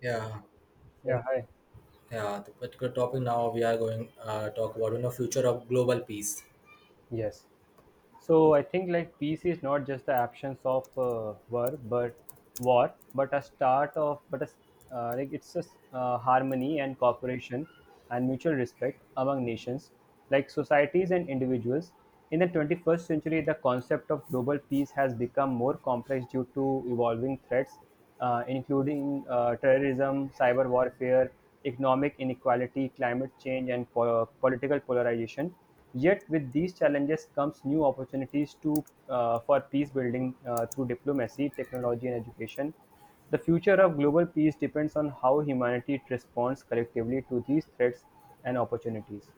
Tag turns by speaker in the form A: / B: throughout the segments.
A: Yeah, and,
B: Yeah, hi.
A: yeah. The particular topic now we are going talk about you know future of global peace.
B: Yes. So I think like peace is not just the absence of war, but a start of, but a s like it's a harmony and cooperation and mutual respect among nations, like societies and individuals. In the 21st century, the concept of global peace has become more complex due to evolving threats, including terrorism, cyber warfare, economic inequality, climate change, and political polarization. Yet with these challenges comes new opportunities to for peace building through diplomacy, technology, and education. The future of global peace depends on how humanity responds collectively to these threats and opportunities.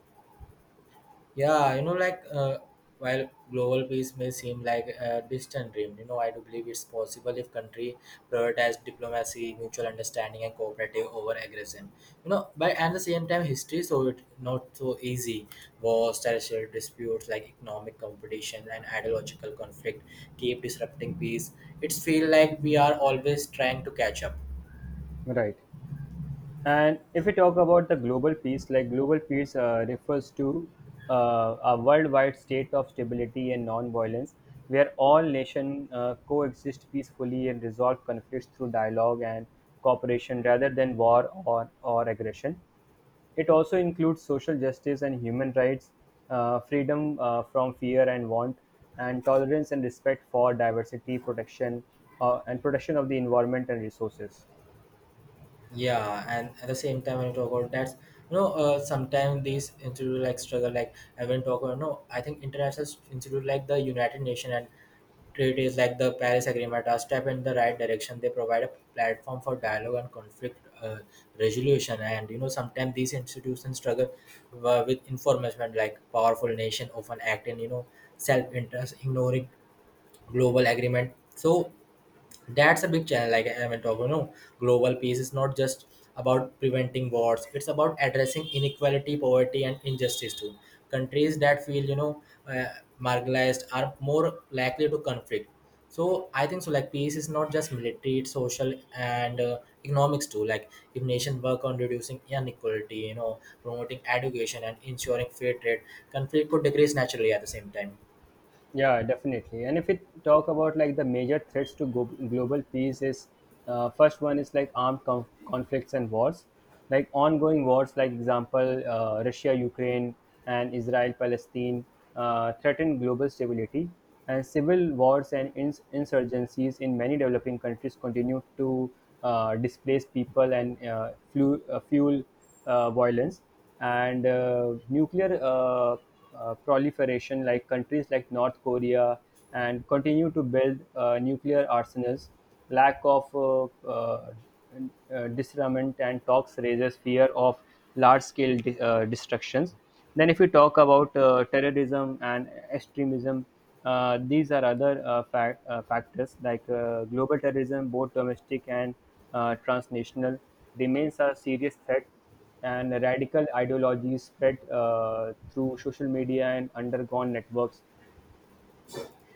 A: Yeah, while global peace may seem like a distant dream, you know I do believe it's possible if country prioritize diplomacy, mutual understanding, and cooperative over aggression. You know, but at the same time, history so it not so easy. Wars, territorial disputes, like economic competition and ideological conflict, keep disrupting peace. It's feel like we are always trying to catch up.
B: Right. And if we talk about the global peace, like global peace refers to a worldwide state of stability and non-violence, where all nations coexist peacefully and resolve conflicts through dialogue and cooperation rather than war or aggression. It also includes social justice and human rights, freedom from fear and want, and tolerance and respect for diversity, protection, and protection of the environment and resources.
A: Yeah, and at the same time when you talk about that, you know, sometimes these institute like struggle like I when talk about no I think international institute like the United Nations and treaties like the Paris agreement are step in the right direction. They provide a platform for dialogue and conflict resolution, and you know sometimes these institutions struggle with information like powerful nation often act in, you know, self-interest, ignoring global agreement. So that's a big challenge. Like I went over, you know, global peace is not just about preventing wars. It's about addressing inequality, poverty, and injustice too. Countries that feel you know uh, marginalized are more likely to conflict. So I think so, like peace is not just military, it's social and economics too. Like if nations work on reducing inequality, you know, promoting education and ensuring fair trade, conflict could decrease naturally at the same time.
B: Yeah, definitely. And if we talk about like the major threats to global peace is, first one is like armed conflicts and wars, like ongoing wars, like example Russia Ukraine and Israel Palestine threaten global stability, and civil wars and insurgencies in many developing countries continue to displace people and fuel violence and nuclear proliferation, like countries like North Korea and continue to build nuclear arsenals. Lack of disarmament and talks raises fear of large-scale destructions. Then, if we talk about terrorism and extremism, these are other factors like global terrorism, both domestic and transnational, remains a serious threat and radical ideologies spread through social media and underground networks.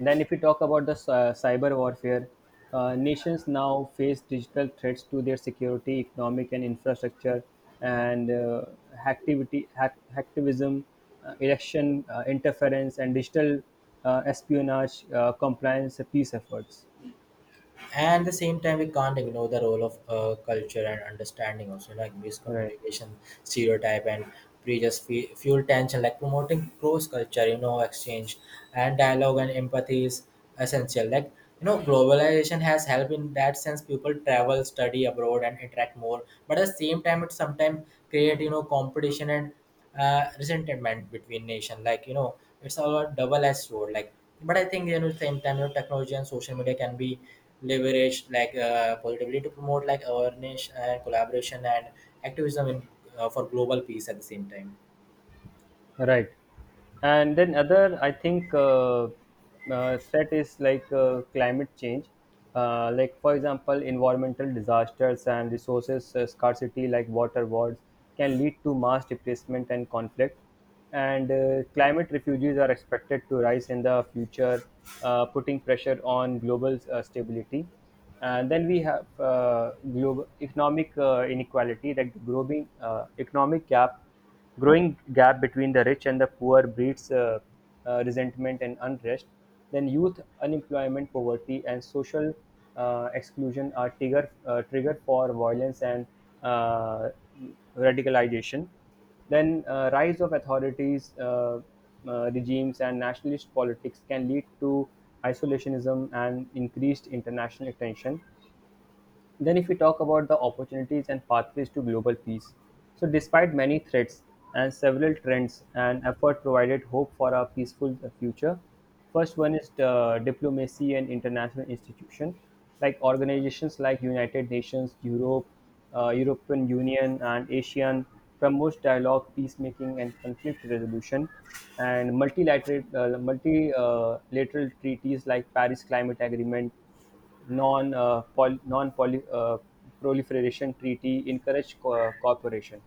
B: Then, if we talk about the cyber warfare, nations now face digital threats to their security, economic, and infrastructure, and hacktivism, election interference, and digital espionage compliance peace efforts.
A: And the same time, we can't ignore the role of culture and understanding also. Like
B: Right.
A: miscommunication, stereotype, and fuel tension, like promoting cross culture, you know, exchange and dialogue and empathy is essential. Like you know, globalization has helped in that sense. People travel, study abroad, and interact more, but at the same time it sometimes create, you know, competition and resentment between nation. Like you know, it's a double edged sword. Like but I think, you know, same time, you know, technology and social media can be leveraged like positively to promote like awareness and collaboration and activism for global peace at the same time.
B: Right. And then other, I think, threat is like climate change. Like for example, environmental disasters and resources scarcity, like water wars, can lead to mass displacement and conflict. And climate refugees are expected to rise in the future, putting pressure on global stability. And then we have global economic inequality, like the growing gap between the rich and the poor breeds resentment and unrest. Then youth unemployment, poverty and social exclusion are trigger for violence and uh, radicalization. Then rise of authorities regimes and nationalist politics can lead to isolationism and increased international tension. Then, if we talk about the opportunities and pathways to global peace, so despite many threats and several trends and effort provided hope for a peaceful future. First one is the diplomacy and international institution, like organizations like United Nations, Europe, European Union, and ASEAN promotes dialogue, peacemaking, and conflict resolution. And multilateral treaties like Paris Climate Agreement non uh, non uh, proliferation treaty encouraged cooperation.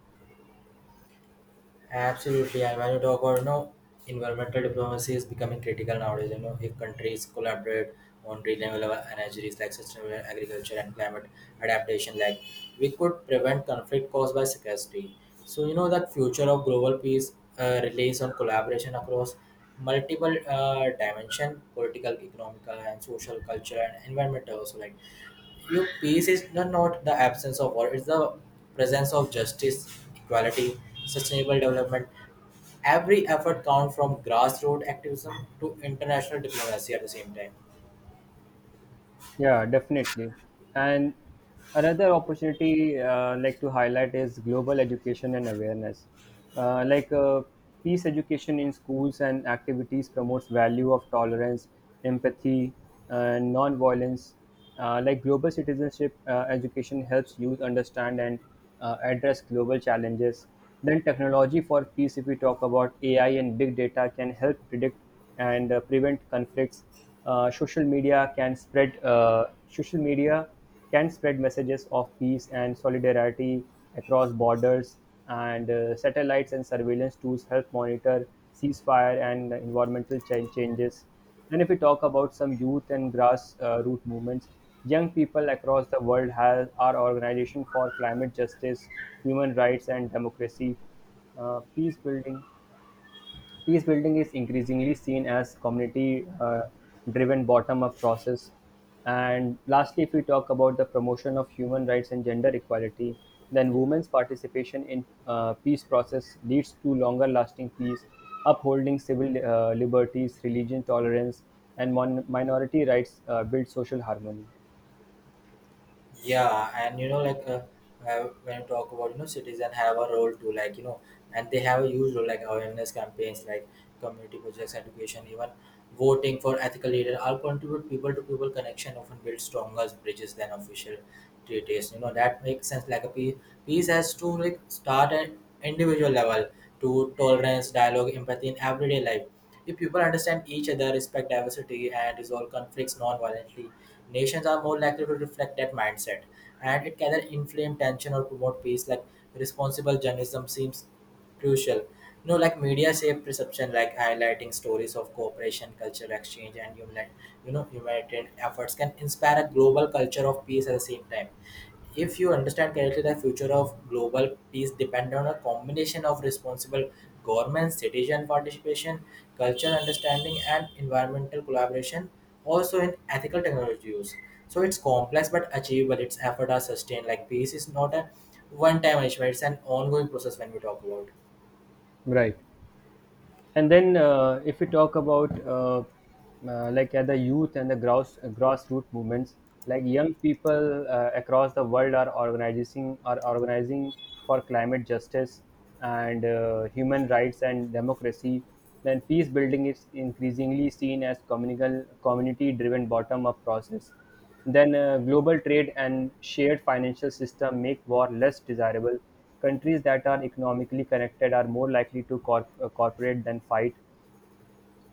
A: Absolutely, I want to talk about, you know, environmental diplomacy is becoming critical nowadays. You know, if countries collaborate on renewable energies like sustainable agriculture and climate adaptation, like we could prevent conflict caused by scarcity. So you know that future of global peace relies on collaboration across multiple dimension, political, economical, and social, cultural, and environmental. Also, like you peace is not not the absence of war; it's the presence of justice, equality, sustainable development. Every effort counts, from grassroots activism to international diplomacy. At the same time.
B: Yeah, definitely. And another opportunity like to highlight is global education and awareness. Uh, like uh, Peace education in schools and activities promotes value of tolerance, empathy, and non-violence. Like global citizenship education helps youth understand and address global challenges. Then technology for peace, if we talk about AI and big data, can help predict and prevent conflicts. Social media can spread messages of peace and solidarity across borders and satellites and surveillance tools help monitor ceasefire and environmental changes. And if we talk about some youth and grass root movements, young people across the world have our organization for climate justice, human rights and democracy uh, peace building Peace building is increasingly seen as community driven bottom up process. And lastly, if we talk about the promotion of human rights and gender equality, then women's participation in peace process leads to longer lasting peace, upholding civil liberties, religion tolerance, and minority rights build social harmony.
A: Yeah, and you know like when you talk about, you know, citizens have a role too. Like you know, and they have a huge role, like awareness campaigns, like community projects, education, even voting for ethical leader, all contribute. People to people connection often build stronger bridges than official treaties, you know. That makes sense. Like peace has to like start at individual level, to tolerance, dialogue, empathy in everyday life. If people understand each other, respect diversity, and resolve conflicts non-violently, nations are more likely to reflect that mindset, and it can either inflame tension or promote peace. Like responsible journalism seems crucial. You know, like media shape perception, like highlighting stories of cooperation, cultural exchange, and human, you know, humanitarian efforts can inspire a global culture of peace at the same time. If you understand correctly, the future of global peace depends on a combination of responsible governments, citizen participation, cultural understanding, and environmental collaboration, also in ethical technology use. So it's complex but achievable. Its effort are sustained. Like peace is not a one-time achievement; it's an ongoing process. When we talk about.
B: Right. And then if we talk about the youth and the gross grassroots movements, like young people across the world are organizing for climate justice and human rights and democracy. Then peace building is increasingly seen as communal community driven bottom up process. Then, global trade and shared financial system make war less desirable. Countries that are economically connected are more likely to cooperate than fight.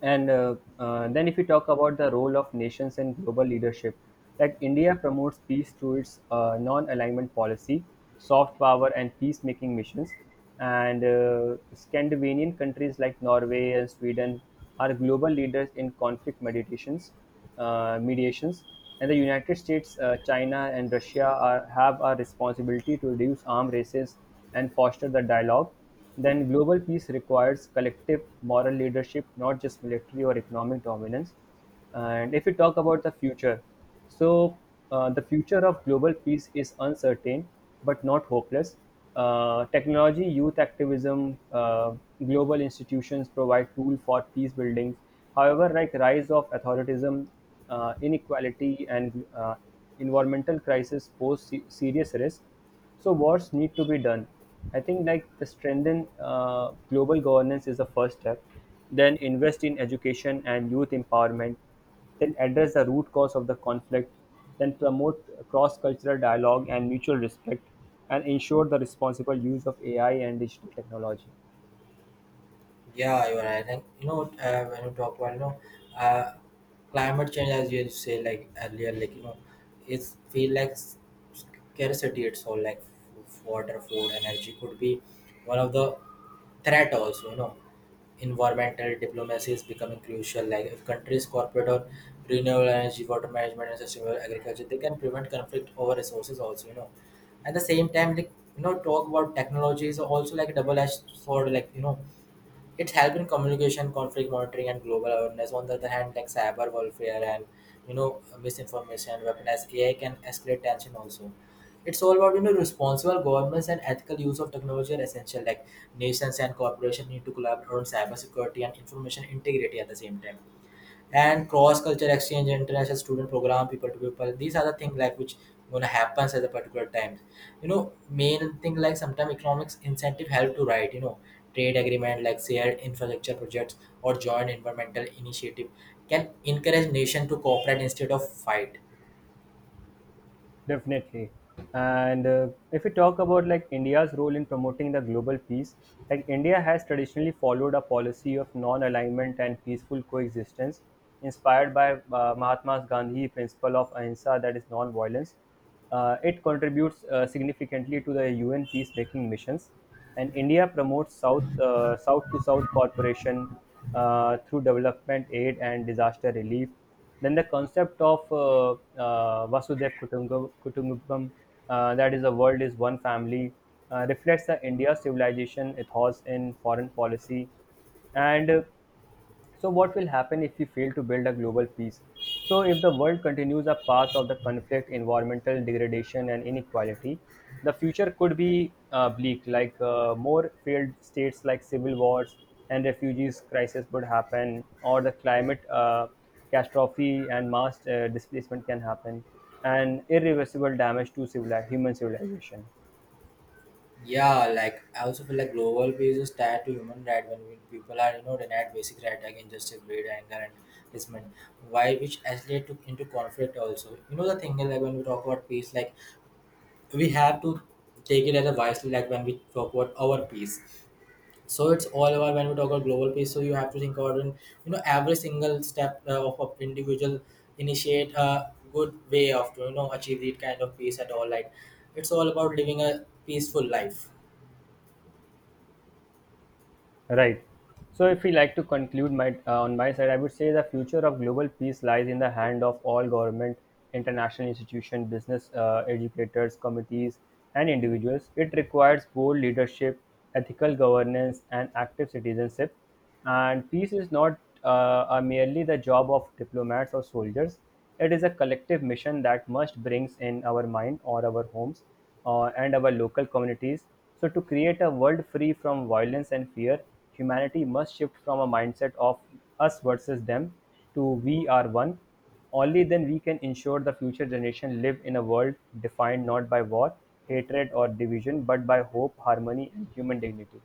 B: And then, if we talk about the role of nations in global leadership, like India promotes peace through its non-alignment policy, soft power, and peacemaking missions. And Scandinavian countries like Norway and Sweden are global leaders in conflict meditations mediations, and the United States, China, and Russia have a responsibility to reduce arms races and foster the dialogue. Then global peace requires collective moral leadership, not just military or economic dominance. And if we talk about the future, so, the future of global peace is uncertain but not hopeless. Technology, youth activism, global institutions provide tool for peace building. However, like rise of authoritarianism, inequality, and environmental crisis pose serious risk. So, wars need to be done. I think like the strengthen global governance is the first step. Then invest in education and youth empowerment, then address the root cause of the conflict, then promote cross-cultural dialogue and mutual respect, and ensure the responsible use of AI and digital technology.
A: Yeah, you're right. Like you know, when you talk about, you know, uh, climate change, as you say like earlier, like you know, it's feel like scarcity. It's all like water, food, energy could be one of the threat also. You know, environmental diplomacy is becoming crucial. Like if countries cooperate on renewable energy, water management, and sustainable agriculture, they can prevent conflict over resources also. You know, at the same time, like you know, talk about technology is also like a double-edged sword. Like you know, it's helped in communication, conflict monitoring, and global awareness. On the other hand, like cyber warfare and you know misinformation, weaponized AI can escalate tension also. It's all about, you know, responsible governments and ethical use of technology are essential. Like nations and corporations need to collaborate on cybersecurity and information integrity at the same time. And cross culture exchange, international student program, people to people, these are the things like which gonna happens at the particular times. You know, main thing, like sometimes economics incentive help to write, you know, trade agreement, like shared infrastructure projects or joint environmental initiative can encourage nation to cooperate instead of fight.
B: Definitely. And if we talk about like India's role in promoting the global peace, like India has traditionally followed a policy of non-alignment and peaceful coexistence inspired by Mahatma Gandhi principle of ahimsa, that is non-violence. It contributes significantly to the UN peacemaking missions, and India promotes south to south cooperation through development aid and disaster relief. Then the concept of Vasudev Kutumbakam, that is, the world is one family, reflects the India civilization ethos in foreign policy. And so, what will happen if we fail to build a global peace? So, if the world continues a path of the conflict, environmental degradation, and inequality, the future could be bleak. Like more failed states, like civil wars and refugees crisis, would happen, or the climate catastrophe and mass displacement can happen, and irreversible damage to human civilization.
A: Yeah, like I also feel like global peace is tied to human right. When people are you know denied basic right, like injustice, greed, anger, and resentment. Why which actually took into conflict also. You know the thing is like when we talk about peace, like we have to take it as a wisely, like when we talk about our peace. So it's all about when we talk about global peace. So you have to think about in, you know, every single step of individual, initiate a good way of to, you know, achieve that kind of peace at all. Like it's all about living a peaceful life.
B: Right. So, if we like to conclude my on my side, I would say the future of global peace lies in the hand of all government, international institutions, business educators, committees, and individuals. It requires bold leadership, ethical governance, and active citizenship. And peace is not merely the job of diplomats or soldiers. It is a collective mission that must brings in our mind or our homes and our local communities. So, to create a world free from violence and fear, humanity must shift from a mindset of us versus them to we are one. Only then we can ensure the future generation live in a world defined not by war, hatred, or division, but by hope, harmony, and human dignity.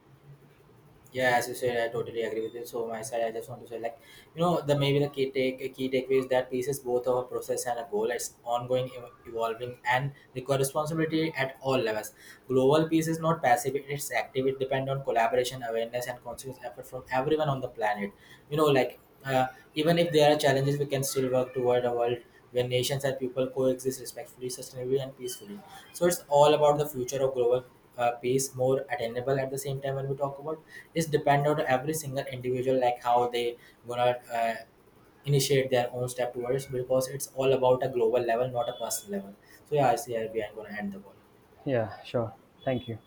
A: Yeah, as you said, I totally agree with you. So my side, I just want to say, like, you know, the maybe the key take key takeaway is that peace is both our process and a goal. It's ongoing, evolving, and require responsibility at all levels. Global peace is not passive; it's active. It depends on collaboration, awareness, and conscious effort from everyone on the planet. You know, like uh, even if there are challenges, we can still work toward a world where nations and people coexist respectfully, sustainably, and peacefully. So it's all about the future of global pace more attainable at the same time. When we talk about, it's dependent on every single individual, like how they gonna initiate their own step towards, because it's all about a global level, not a personal level. So yeah, I see, I'm gonna end the call.
B: Yeah, sure. Thank you.